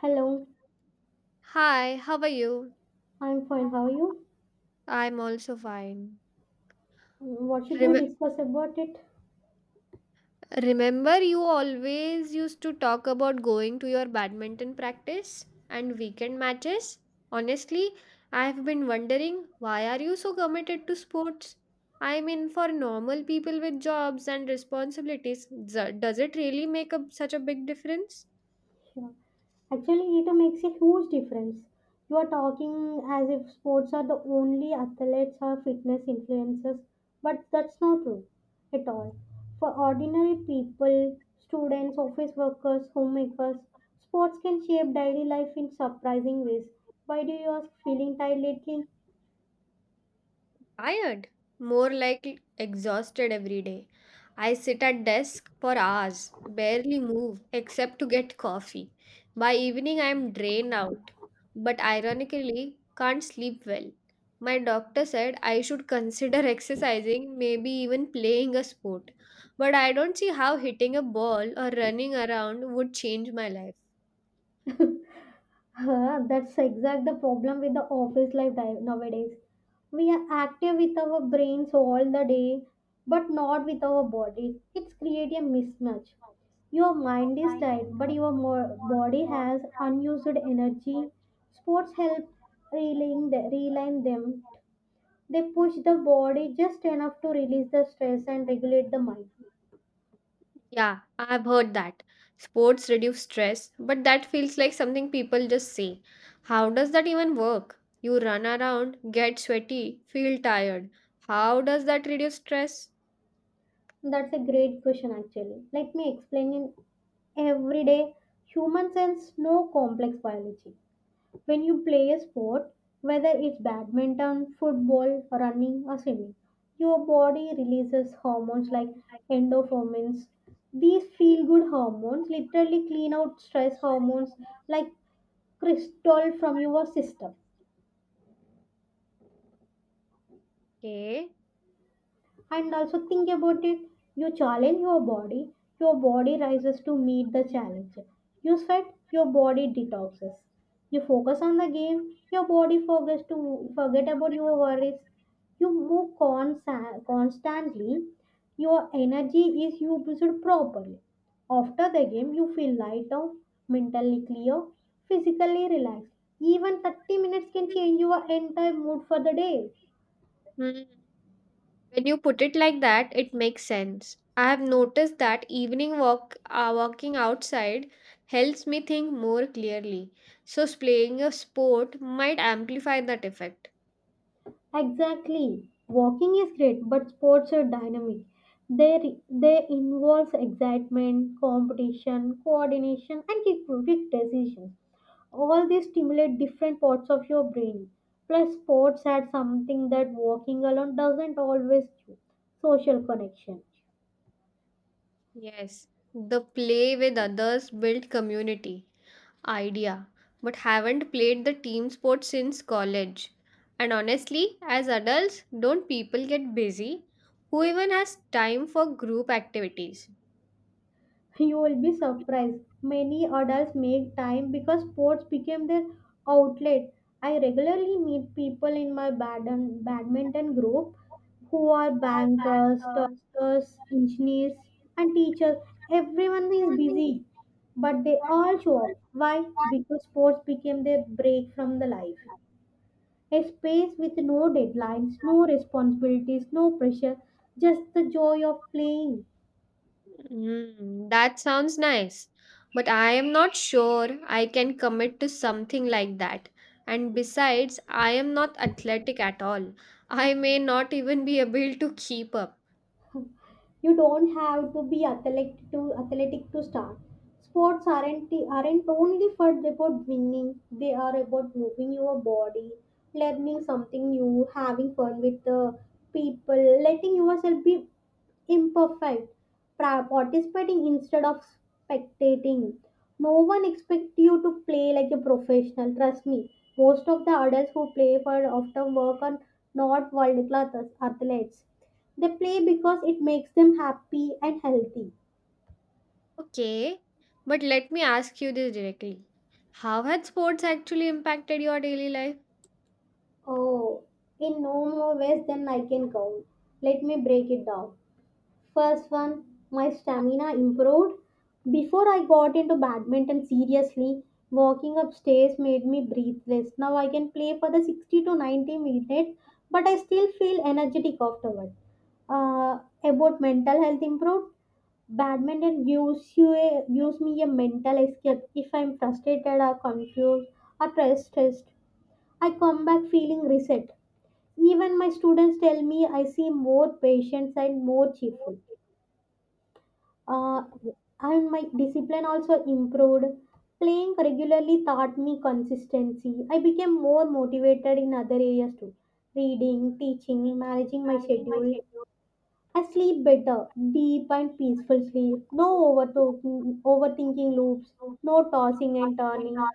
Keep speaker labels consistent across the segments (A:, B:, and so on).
A: Hello,
B: Hi, how are you?
A: I'm fine. How are you?
B: I'm also fine.
A: What should we
B: Rem-
A: discuss about it?
B: remember, you always used to talk about going to your badminton practice and weekend matches? Honestly, I've been wondering why are you so committed to sports? I mean, for normal people with jobs and responsibilities, does it really make a, such a big difference?
A: Sure. Actually, it makes a huge difference. You are talking as if sports are the only athletes or fitness influencers, but that's not true at all. For ordinary people, students, office workers, homemakers, sports can shape daily life in surprising ways. Why do you ask feeling tired lately?
B: Tired, more like exhausted every day. I sit at desk for hours, barely move except to get coffee. By evening I am drained out, but ironically can't sleep well. My doctor said I should consider exercising, maybe even playing a sport. But I don't see how hitting a ball or running around would change my life.
A: Huh, that's exact the problem with the office life nowadays. We are active with our brains all the day, but not with our body. It's create a mismatch. Your mind is tired, but your body has unused energy. Sports help realign them. They push the body just enough to release the stress and regulate the mind.
B: Yeah, I've heard that. Sports reduce stress, but that feels like something people just say. How does that even work? You run around, get sweaty, feel tired. How does that reduce stress?
A: That's a great question, actually. Let me explain in everyday human sense, no complex biology. When you play a sport, whether it's badminton, football, running, or swimming, your body releases hormones like endorphins. These feel good hormones literally clean out stress hormones like crystal from your system.
B: Okay.
A: And also think about it. You challenge your body rises to meet the challenge. You sweat, your body detoxes. You focus on the game, your body forgets to forget about your worries. You move constantly. Your energy is used properly. After the game, you feel lighter, mentally clear, physically relaxed. Even 30 minutes can change your entire mood for the day.
B: Hmm. When you put it like that, it makes sense. I have noticed that evening walking outside helps me think more clearly. So, playing a sport might amplify that effect.
A: Exactly. Walking is great, but sports are dynamic. They involve excitement, competition, coordination, and quick decisions. All these stimulate different parts of your brain. Plus, sports add something that walking alone doesn't always do — social connection.
B: Yes, the play with others build community idea, but haven't played the team sport since college. And honestly, as adults, don't people get busy? Who even has time for group activities?
A: You will be surprised. Many adults make time because sports became their outlet. I regularly meet people in my badminton group who are
B: All
A: bankers,
B: bankers, doctors,
A: doctors, engineers,
B: specialists,
A: and teachers.
B: managers,
A: Everyone is
B: everyone is busy,
A: busy, but they
B: but they
A: all show
B: all
A: up. Why?
B: want
A: Because
B: people to
A: sports became their break from the
B: break
A: life.
B: our life.
A: A space with no deadlines, no responsibilities, no pressure, just the joy of playing.
B: Mm, that sounds nice, but I am not sure I can commit to something like that. And besides, I am not athletic at all. I may not even be able to keep up.
A: You don't have to be athletic to start. Sports aren't only for about winning. They are about moving your body, learning something new, having fun with the people, letting yourself be imperfect, participating instead of spectating. No one expects you to play like a professional. Trust me, most of the adults who play for after work are not world class athletes. They play because it makes them happy and healthy.
B: Okay, but let me ask you this directly. How had sports actually impacted your daily life?
A: Oh, in no more ways than I can count. Let me break it down. First one, my stamina improved. Before I got into badminton seriously, walking upstairs made me breathless. Now I can play for the 60 to 90 minutes, but I still feel energetic afterward. About mental health improved. Badminton gives me a mental escape. If I'm frustrated or confused or stressed, I come back feeling reset. Even my students tell me I seem more patient and more cheerful. Uh, and my discipline also improved. Playing regularly taught me consistency. I became more motivated in other areas too: reading, teaching, managing my schedule. I sleep better, deep and peaceful sleep. No overthinking loops, no tossing and turning.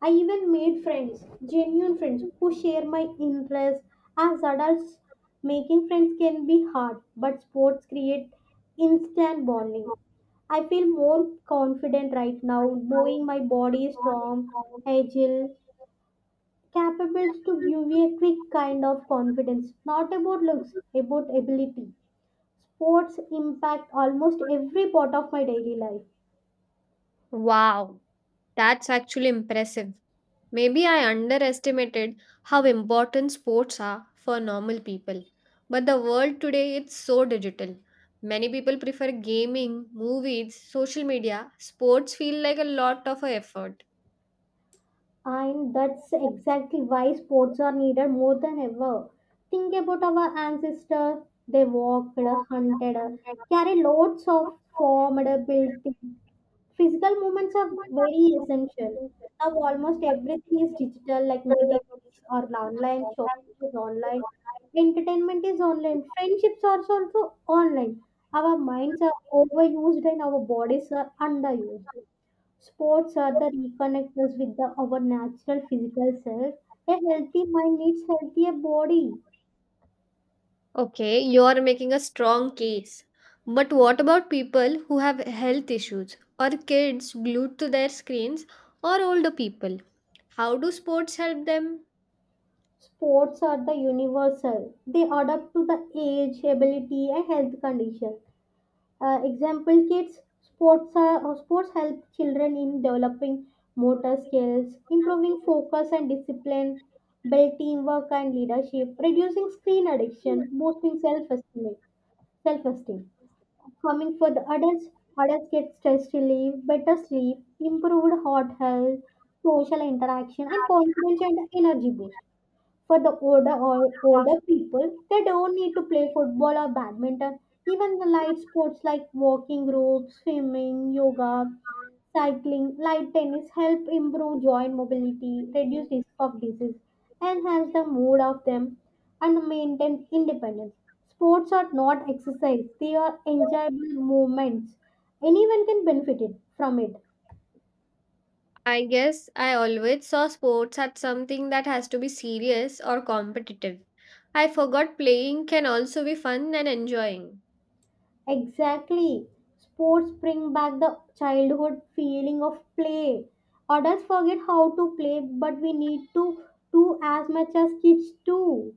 A: I even made friends, genuine friends, who share my interests. As adults, making friends can be hard, but sports create instant bonding. I feel more confident right now, knowing my body is strong, agile, capable to give me a quick kind of confidence. Not about looks, about ability. Sports impact almost every part of my daily life,
B: Wow, that's actually impressive. Maybe I underestimated how important sports are for normal people. But the world today is so digital. Many people prefer gaming, movies, social media. Sports feel like a lot of a effort.
A: and that's exactly why sports are needed more than ever. Think about our ancestors: they walked, hunted, carried loads of formed built. Physical movements are very essential. Now almost everything is digital, like meetings are online, shopping is online, entertainment is online, friendships are also online. Our minds are overused and our bodies are underused. Sports are the reconnectors with our natural physical self. A healthy mind needs healthier body.
B: Okay, you are making a strong case. But what about people who have health issues, or kids glued to their screens, or older people? How do sports help them?
A: Sports are the universal. They adapt to the age, ability, and health condition. Example, kids sports are, sports help children in developing motor skills, improving focus and discipline, build teamwork and leadership, reducing screen addiction, boosting self-esteem. Self-esteem. Coming for the adults, adults get stress relief, better sleep, improved heart health, social interaction, and confidence and energy boost. For the older people, they don't need to play football or badminton. Even the light sports like walking ropes, swimming, yoga, cycling, light tennis help improve joint mobility, reduce risk of disease, enhance the mood of them, and maintain independence. Sports are not exercise; they are enjoyable movements. Anyone can benefit it from it.
B: I guess I always saw sports as something that has to be serious or competitive. I forgot playing can also be fun and enjoying.
A: Exactly. Sports bring back the childhood feeling of play. Adults forget how to play, but we need to do as much as kids do.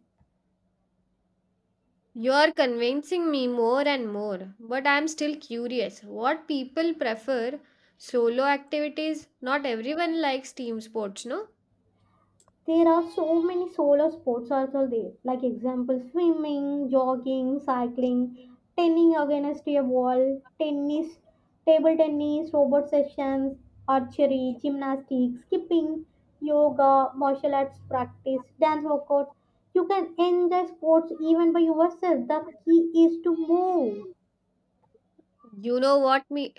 B: You're convincing me more and more, but I'm still curious. What people prefer solo activities? Not everyone likes team sports, no?
A: There are so many solar sports also there, like example swimming, jogging, cycling, turning against a wall, tennis, table tennis, robot sessions, archery, gymnastics, skipping, yoga, martial arts practice, dance workouts. You can enjoy sports even by yourself. The key is to move.
B: You know what me,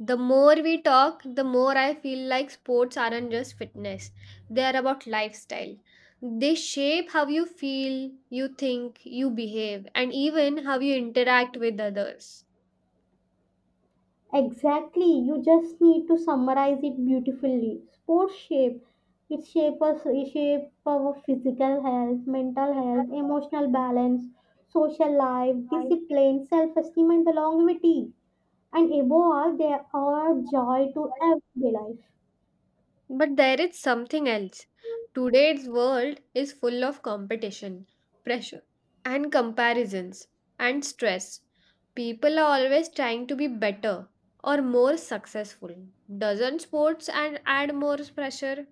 B: the more we talk, the more I feel like sports aren't just fitness. They are about lifestyle. They shape how you feel, you think, you behave, and even how you interact with others.
A: Exactly, you just need to summarize it beautifully. Sports shape it shape us it shape our physical health, mental health, emotional balance, social life,
B: I think.
A: discipline, self-esteem and longevity. And above all, they are joy to everyday life.
B: But there is something else. Today's world is full of competition, pressure, and comparisons, and stress. People are always trying to be better or more successful. Doesn't sports and add more pressure?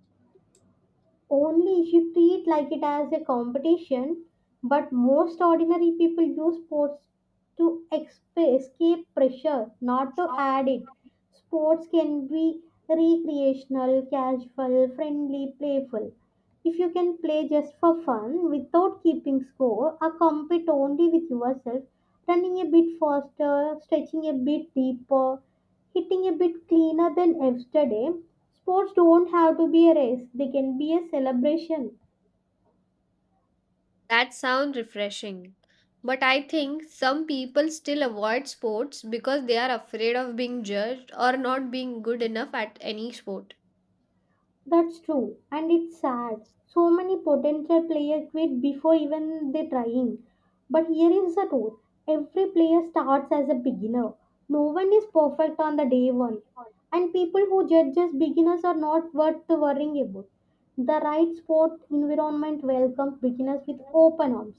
A: Only if you treat like it as a competition. But most ordinary people use sports to escape pressure, not to add it. Sports can be recreational, casual, friendly, playful. If you can play just for fun without keeping score, or compete only with yourself — running a bit faster, stretching a bit deeper, hitting a bit cleaner than yesterday. Sports don't have to be a race, they can be a celebration.
B: That sounds refreshing. But I think some people still avoid sports because they are afraid of being judged or not being good enough at any sport.
A: That's true, and it's sad. So many potential players quit before even they're trying. But here is the truth: every player starts as a beginner. No one is perfect on the day one. And people who judge as beginners are not worth worrying about. The right sport environment welcomes beginners with open arms.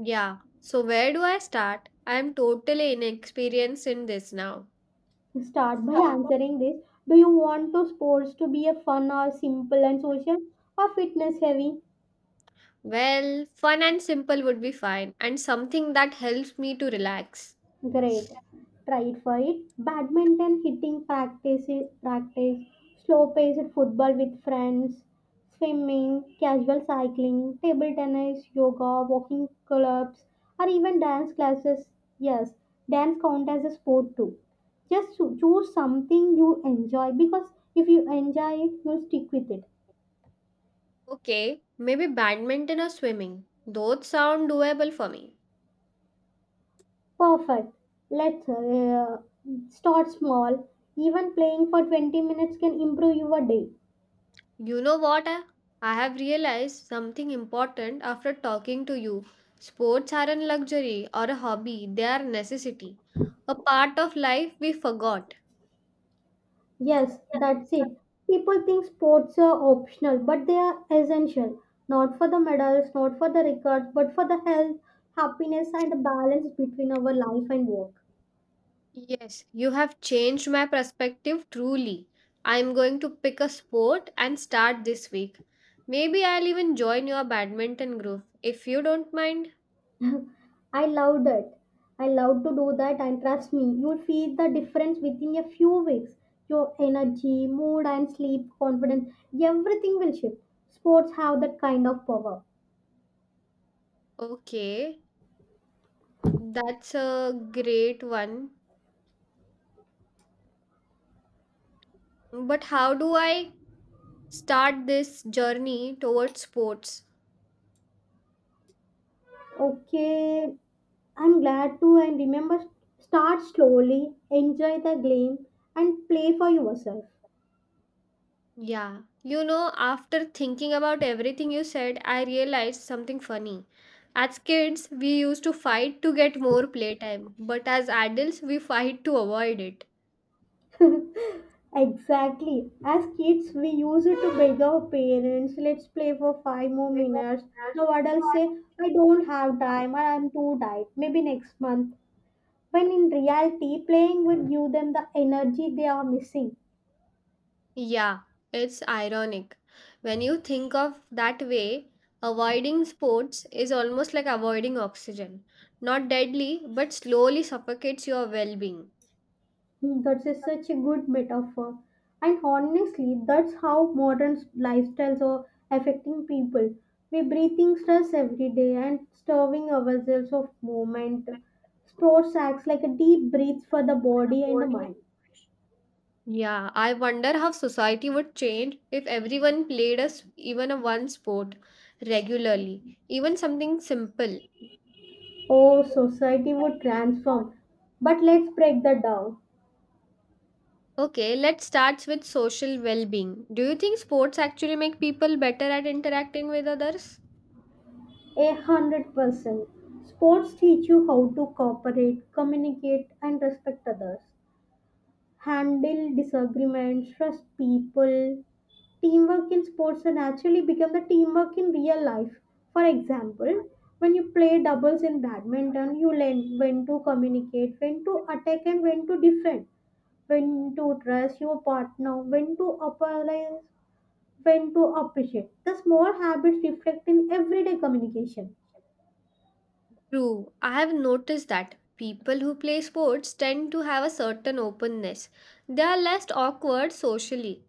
B: Yeah. So where do I start? I'm totally inexperienced in this now.
A: Start by answering this. Do you want to sports to be a fun or simple and social, or fitness heavy?
B: Well, fun and simple would be fine, and something that helps me to relax.
A: Great. Try it for it. Badminton hitting practice. Slow paced football with friends. Swimming, casual cycling, table tennis, yoga, walking clubs, or even dance classes. Yes, dance count as a sport too. Just choose something you enjoy, because if you enjoy it, you'll stick with it.
B: Okay, maybe badminton or swimming. Those sound doable for me.
A: Perfect. Let's start small. Even playing for 20 minutes can improve your day.
B: You know what? I have realized something important after talking to you. Sports aren't luxury or a hobby, they are necessity. A part of life we forgot.
A: Yes, that's it. People think sports are optional, but they are essential. Not for the medals, not for the records, but for the health, happiness, and the balance between our life and work.
B: Yes, you have changed my perspective truly. I'm going to pick a sport and start this week. Maybe I'll even join your badminton group if you don't mind.
A: I loved it. I love to do that, and trust me, you'll feel the difference within a few weeks. Your energy, mood, and sleep, confidence, everything will shift. Sports have that kind of power.
B: Okay, that's a great one. But how do I start this journey towards sports?
A: Okay, I'm glad to, and remember, start slowly, enjoy the game, and play for yourself.
B: Yeah, you know, after thinking about everything you said, I realized something funny. As kids, we used to fight to get more playtime, but as adults, we fight to avoid it.
A: Exactly. As kids, we used to beg our parents, let's play for 5 more minutes. Now adults say, I don't have time or I'm too tired, maybe next month. When in reality, playing would give them the energy they are missing.
B: Yeah, it's ironic. When you think of that way, avoiding sports is almost like avoiding oxygen. Not deadly, but slowly suffocates your well being.
A: That is such a good metaphor. And honestly, that's how modern lifestyles are affecting people. We're breathing stress every day and starving ourselves of movement. Sports acts like a deep breath for the body and the mind.
B: Yeah, I wonder how society would change if everyone played us even a one sport regularly, even something simple.
A: Oh, society would transform. But let's break that down.
B: Okay, let's start with social well-being. Do you think sports actually make people better at interacting with others?
A: 100%. Sports teach you how to cooperate, communicate, and respect others. Handle disagreements, trust people, teamwork in sports and actually become the teamwork in real life. For example, when you play doubles in badminton, you learn when to communicate, when to attack, and when to defend, when to trust your partner, when to apologize, when to appreciate. The small habits reflect in everyday communication.
B: True. I have noticed that people who play sports tend to have a certain openness. They are less awkward socially.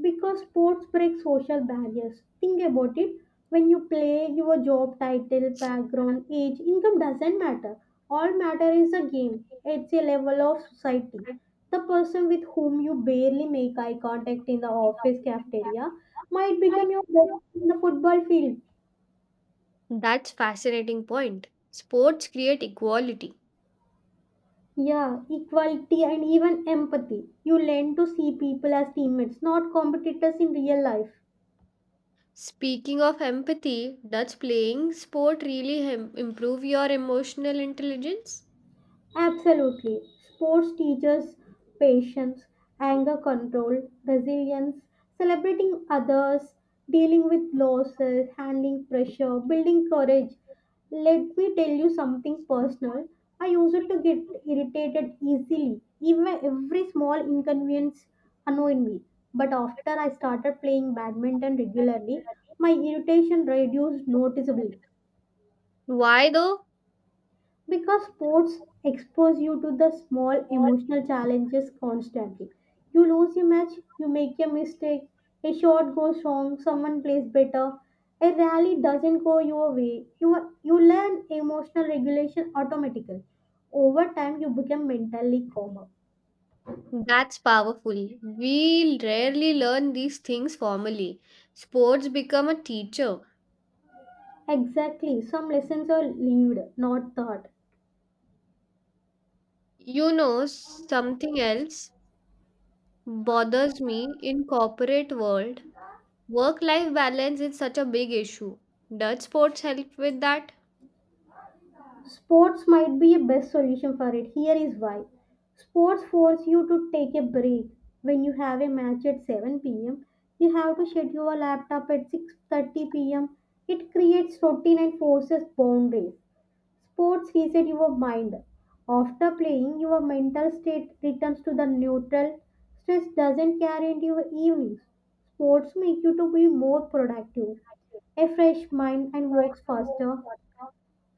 A: Because sports break social barriers. Think about it. When you play, your job title, background, age, income doesn't matter. All matter is a game. It's a level of society. The person with whom you barely make eye contact in the
B: Consulting a
A: office
B: open
A: cafeteria
B: cafeteria,
A: might
B: why
A: become your
B: people
A: best
B: look.
A: in the football field.
B: That's fascinating point. Sports create equality.
A: Yeah, equality and even empathy. You learn to see people as teammates, not competitors in real life.
B: Speaking of empathy, does playing sport really improve your emotional intelligence?
A: Absolutely. Sports teaches patience, anger control, resilience, celebrating others, dealing with losses, handling pressure, building courage. Let me tell you something personal. I used to get irritated easily. Even every small inconvenience annoyed me. But after I started playing badminton regularly, my irritation reduced noticeably.
B: Why though?
A: Because sports expose you to the small emotional challenges constantly. You lose a match, you make a mistake, a shot goes wrong, someone plays better, a rally doesn't go your way. You learn emotional regulation automatically. Over time, you become mentally calmer.
B: That's powerful. We rarely learn these things formally. Sports become a teacher.
A: Exactly, some lessons are lived, not taught.
B: You know, something else bothers me in corporate world. Work life balance is such a big issue. Does sports help with that?
A: Sports might be a best solution for it. Here is why. Sports force you to take a break. When you have a match at 7 p.m., you have to shut your laptop at 6:30 p.m. It creates routine and forces boundaries. Sports reset your mind. After playing, your mental state returns to the neutral. Stress doesn't carry into your evenings. Sports make you to be more productive. A fresh mind and works faster.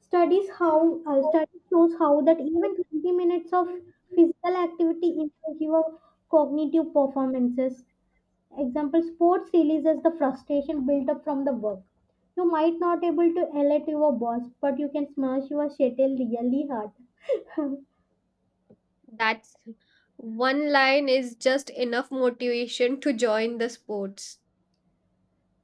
A: Studies how study shows how that even 20 minutes of physical activity improves your cognitive performances. Example: sports releases the frustration built up from the work. You might not able to yell at your boss, but you can smash your shuttle really hard.
B: That's one line is just enough motivation to join the sports.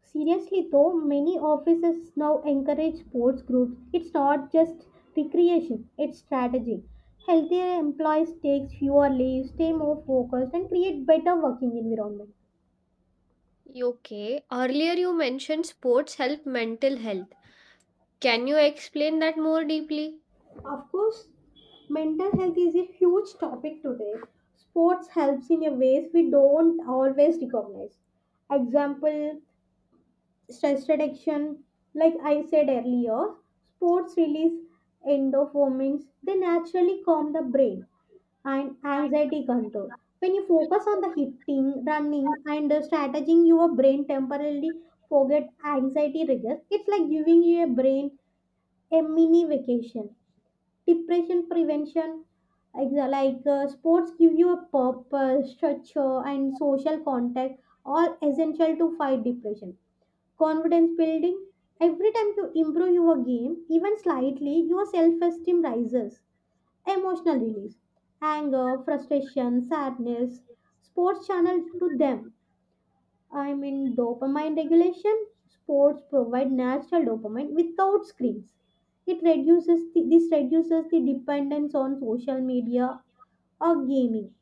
A: Seriously though, many offices now encourage sports groups. It's not just recreation, it's strategy. Healthier employees take fewer leaves, stay more focused and create better working environment.
B: Okay, earlier you mentioned sports help mental health. Can you explain that more deeply?
A: Of course, mental health is a huge topic today. Sports helps in a ways we don't always recognize. Example stress reduction, like I said earlier, sports release endorphins, they naturally calm the brain and anxiety control. When you focus on the hitting, running, and the strategizing, your brain temporarily forget anxiety triggers. It's like giving your brain a mini vacation. Depression prevention, sports, give you a purpose, structure, and social contact, all essential to fight depression confidence building every time you improve your game even slightly your self-esteem rises emotional release anger frustration sadness sports channel to them. I mean dopamine regulation. Sports provide natural dopamine without screens. This reduces the dependence on social media or gaming.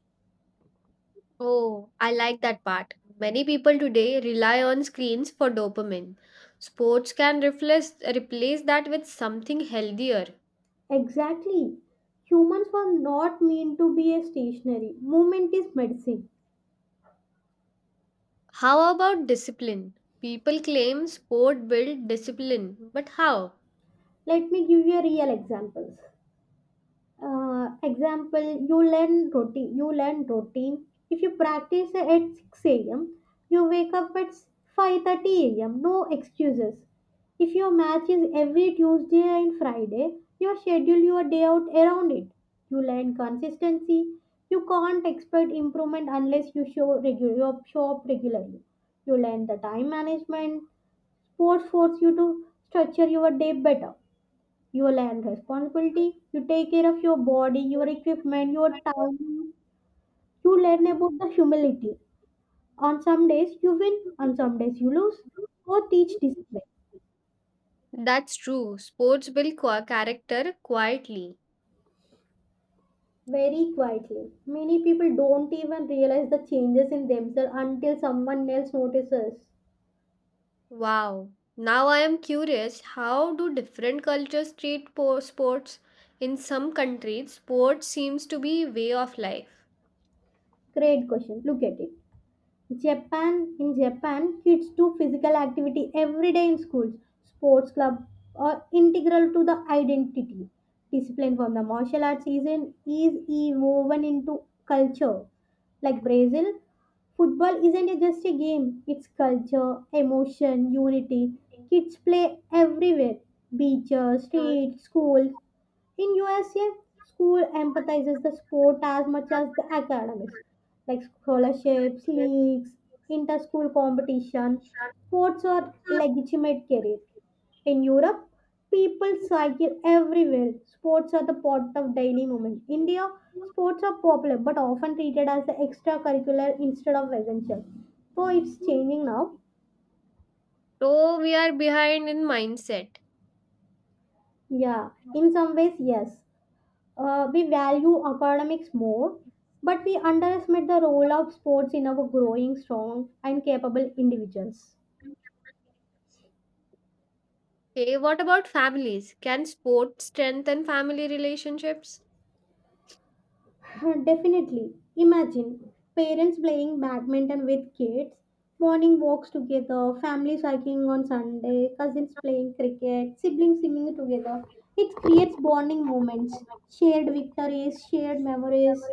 B: Oh, I like that part. Many people today rely on screens for dopamine. Sports can replace that with something healthier.
A: Exactly, humans were not meant to be a stationary. Movement is medicine.
B: How about discipline? People claim sport build discipline, but how?
A: Let me give you a real examples. Example, you learn routine. If you practice at 6 a.m., you wake up at 5:30 a.m. No excuses. If your match is every Tuesday and Friday, you schedule your day out around it. You learn consistency. You can't expect improvement unless you show up regularly. You learn the time management. Sports force you to structure your day better. Your land responsibility, you take care of your body, your equipment, your time. You learn about the humility. On some days you win, on some days you lose. Or teach discipline
B: That's true. Sports build character quietly.
A: very quietly. Many people don't even realize the changes in themselves until someone else notices.
B: Wow. Now I am curious how do different cultures treat sports? In some countries, sports seems to be way of life.
A: Great question. Look at it. Japan. In Japan, kids do physical activity every day in schools, sports club are integral to the identity. Discipline from the martial arts season is e- woven into culture. Like Brazil, football isn't a- just a game, it's culture, emotion, unity. Kids play everywhere, beaches, streets, schools. In USA, school empathizes the sport as much as the academics, like scholarships, leagues, inter-school competition. Sports are legitimate career. In Europe, people cycle everywhere. Sports are the part of daily movement. India, sports are popular but often treated as the extracurricular instead of essential. So it's changing now.
B: So we are behind in mindset.
A: Yeah, in some ways, yes. We value academics more, but we underestimate the role of sports in our growing strong and capable individuals.
B: Okay, what about families? Can sports strengthen family relationships?
A: Definitely. Imagine parents playing badminton with kids, morning walks together, families hiking on Sunday, cousins playing cricket, siblings swimming together. It creates bonding moments, shared victories, shared memories.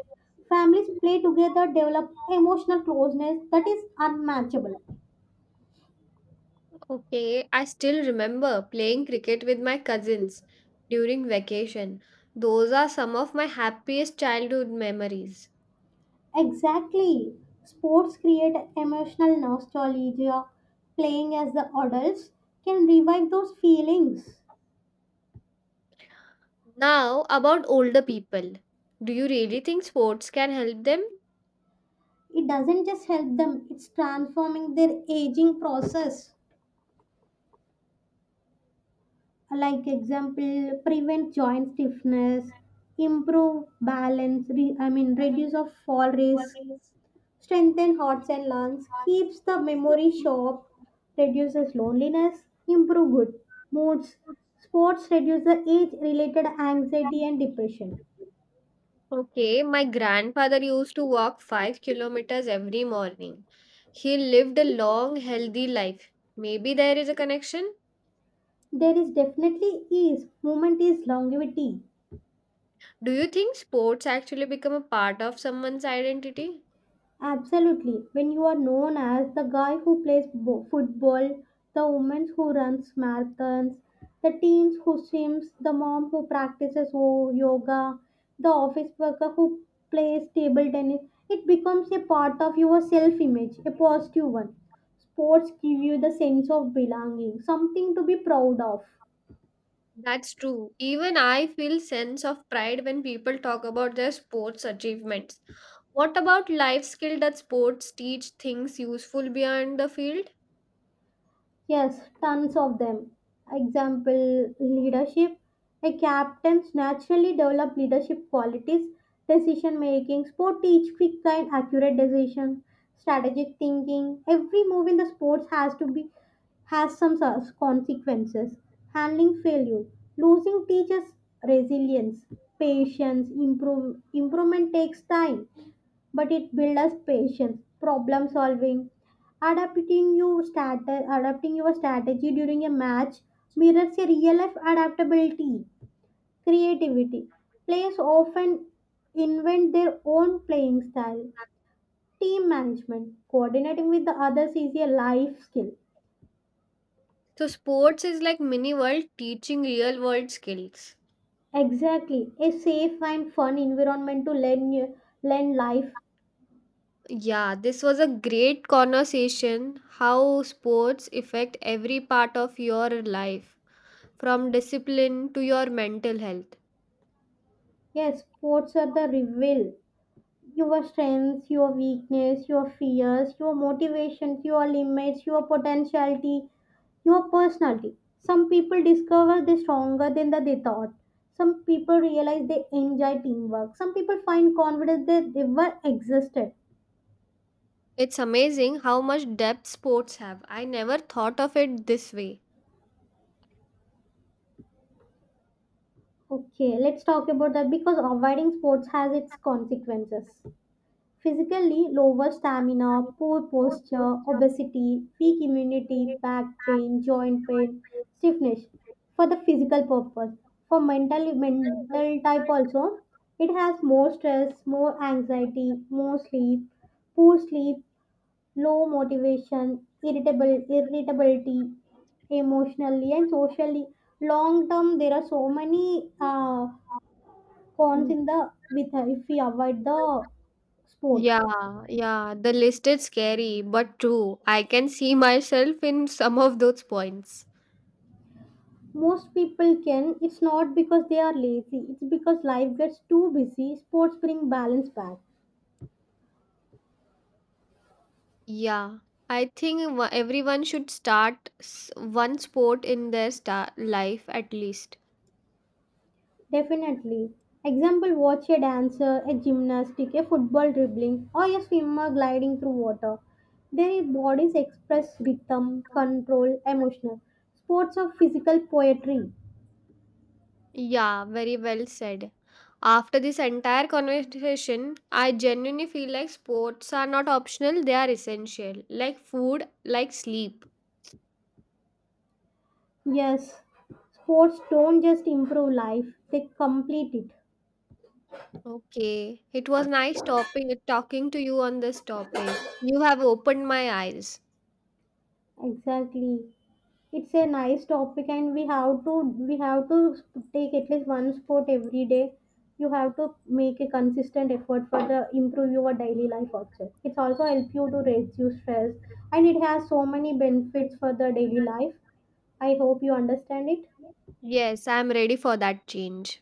A: Families play together, develop emotional closeness that is unmatchable.
B: Okay, I still remember playing cricket with my cousins during vacation. Those are some of my happiest childhood memories.
A: Exactly. Sports create emotional nostalgia. Playing as the adults can revive those feelings.
B: Now, about older people. Do you really think sports can help them?
A: It doesn't just help them, it's transforming their aging process. Like example, prevent joint stiffness, improve balance, reduce of fall risk, strengthens hearts and lungs, keeps the memory sharp, reduces loneliness, improve good moods. Sports reduce the age-related anxiety and depression.
B: Okay, my grandfather used to walk 5 kilometers every morning. He lived a long, healthy life. Maybe there is a connection.
A: There is definitely ease. Movement is longevity.
B: Do you think sports actually become a part of someone's identity?
A: Absolutely. When you are known as the guy who plays football, the woman who runs marathons, the teens who swims, the mom who practices yoga, the office worker who plays table tennis, it becomes a part of your self image, a positive one. Sports give you the sense of belonging, something to be proud of.
B: That's true. Even I feel sense of pride when people talk about their sports achievements. What about life skill that sports teach things useful beyond the field?
A: Yes, tons of them. Example leadership. A captain's naturally develop leadership qualities, decision making, sport teach quick and accurate decision, strategic thinking. Every move in the sports has to be has some sort of consequences. Handling failure, losing teaches resilience, patience, improvement takes time but it builds us patience, problem solving, adapting you strat- adapting your strategy during a match mirrors a real life adaptability, creativity. Players often invent their own playing style. Team management, coordinating with the others is a life skill.
B: So sports is like mini world teaching real world skills.
A: Exactly, a safe and fun environment to learn learn life.
B: Yeah, this was a great conversation how sports affect every part of your life, from discipline to your mental health.
A: Yes, sports are the reveal your strengths, your weakness, your fears, your motivations, your limits, your potentiality, your personality. Some people discover they're stronger than that they thought. Some people realize they enjoy teamwork. Some people find confidence they never existed.
B: It's amazing how much depth sports have. I never thought of it this way.
A: Okay, let's talk about that because avoiding sports has its consequences. Physically, lower stamina, poor posture, obesity, weak immunity, back pain, joint pain, stiffness for the physical purpose. For mental type also, it has more stress, more anxiety, more sleep, poor sleep, low motivation, irritable irritability, emotionally and socially. Long term, there are so many cons in the with if we avoid the sports.
B: Yeah, yeah, the list is scary but true. I can see myself in some of those points.
A: Most people can. It's not because they are lazy. It's because life gets too busy. Sports bring balance back.
B: Yeah, I think everyone should start one sport in their life at least.
A: Definitely. Example watch a dancer, a gymnastic, a football dribbling, or a swimmer gliding through water. Their bodies express rhythm,
B: Mm.
A: control, emotional. Sports are physical poetry.
B: Yeah, very well said. After this entire conversation, I genuinely feel like sports are not optional, they are essential, like food, like sleep.
A: Yes, sports don't just improve life, they complete it.
B: Okay, it was nice topic talking to you on this topic. You have opened my eyes.
A: Exactly. It's a nice topic and we have to take at least one sport every day. You have to make a consistent effort for the improve your daily life. Also it's also help you to reduce stress and it has so many benefits for the daily life. I hope you understand it.
B: Yes, I'm ready for that change.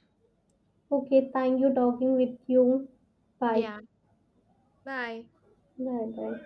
A: Okay, thank you talking with you. bye
B: Yeah. Bye.
A: bye Bye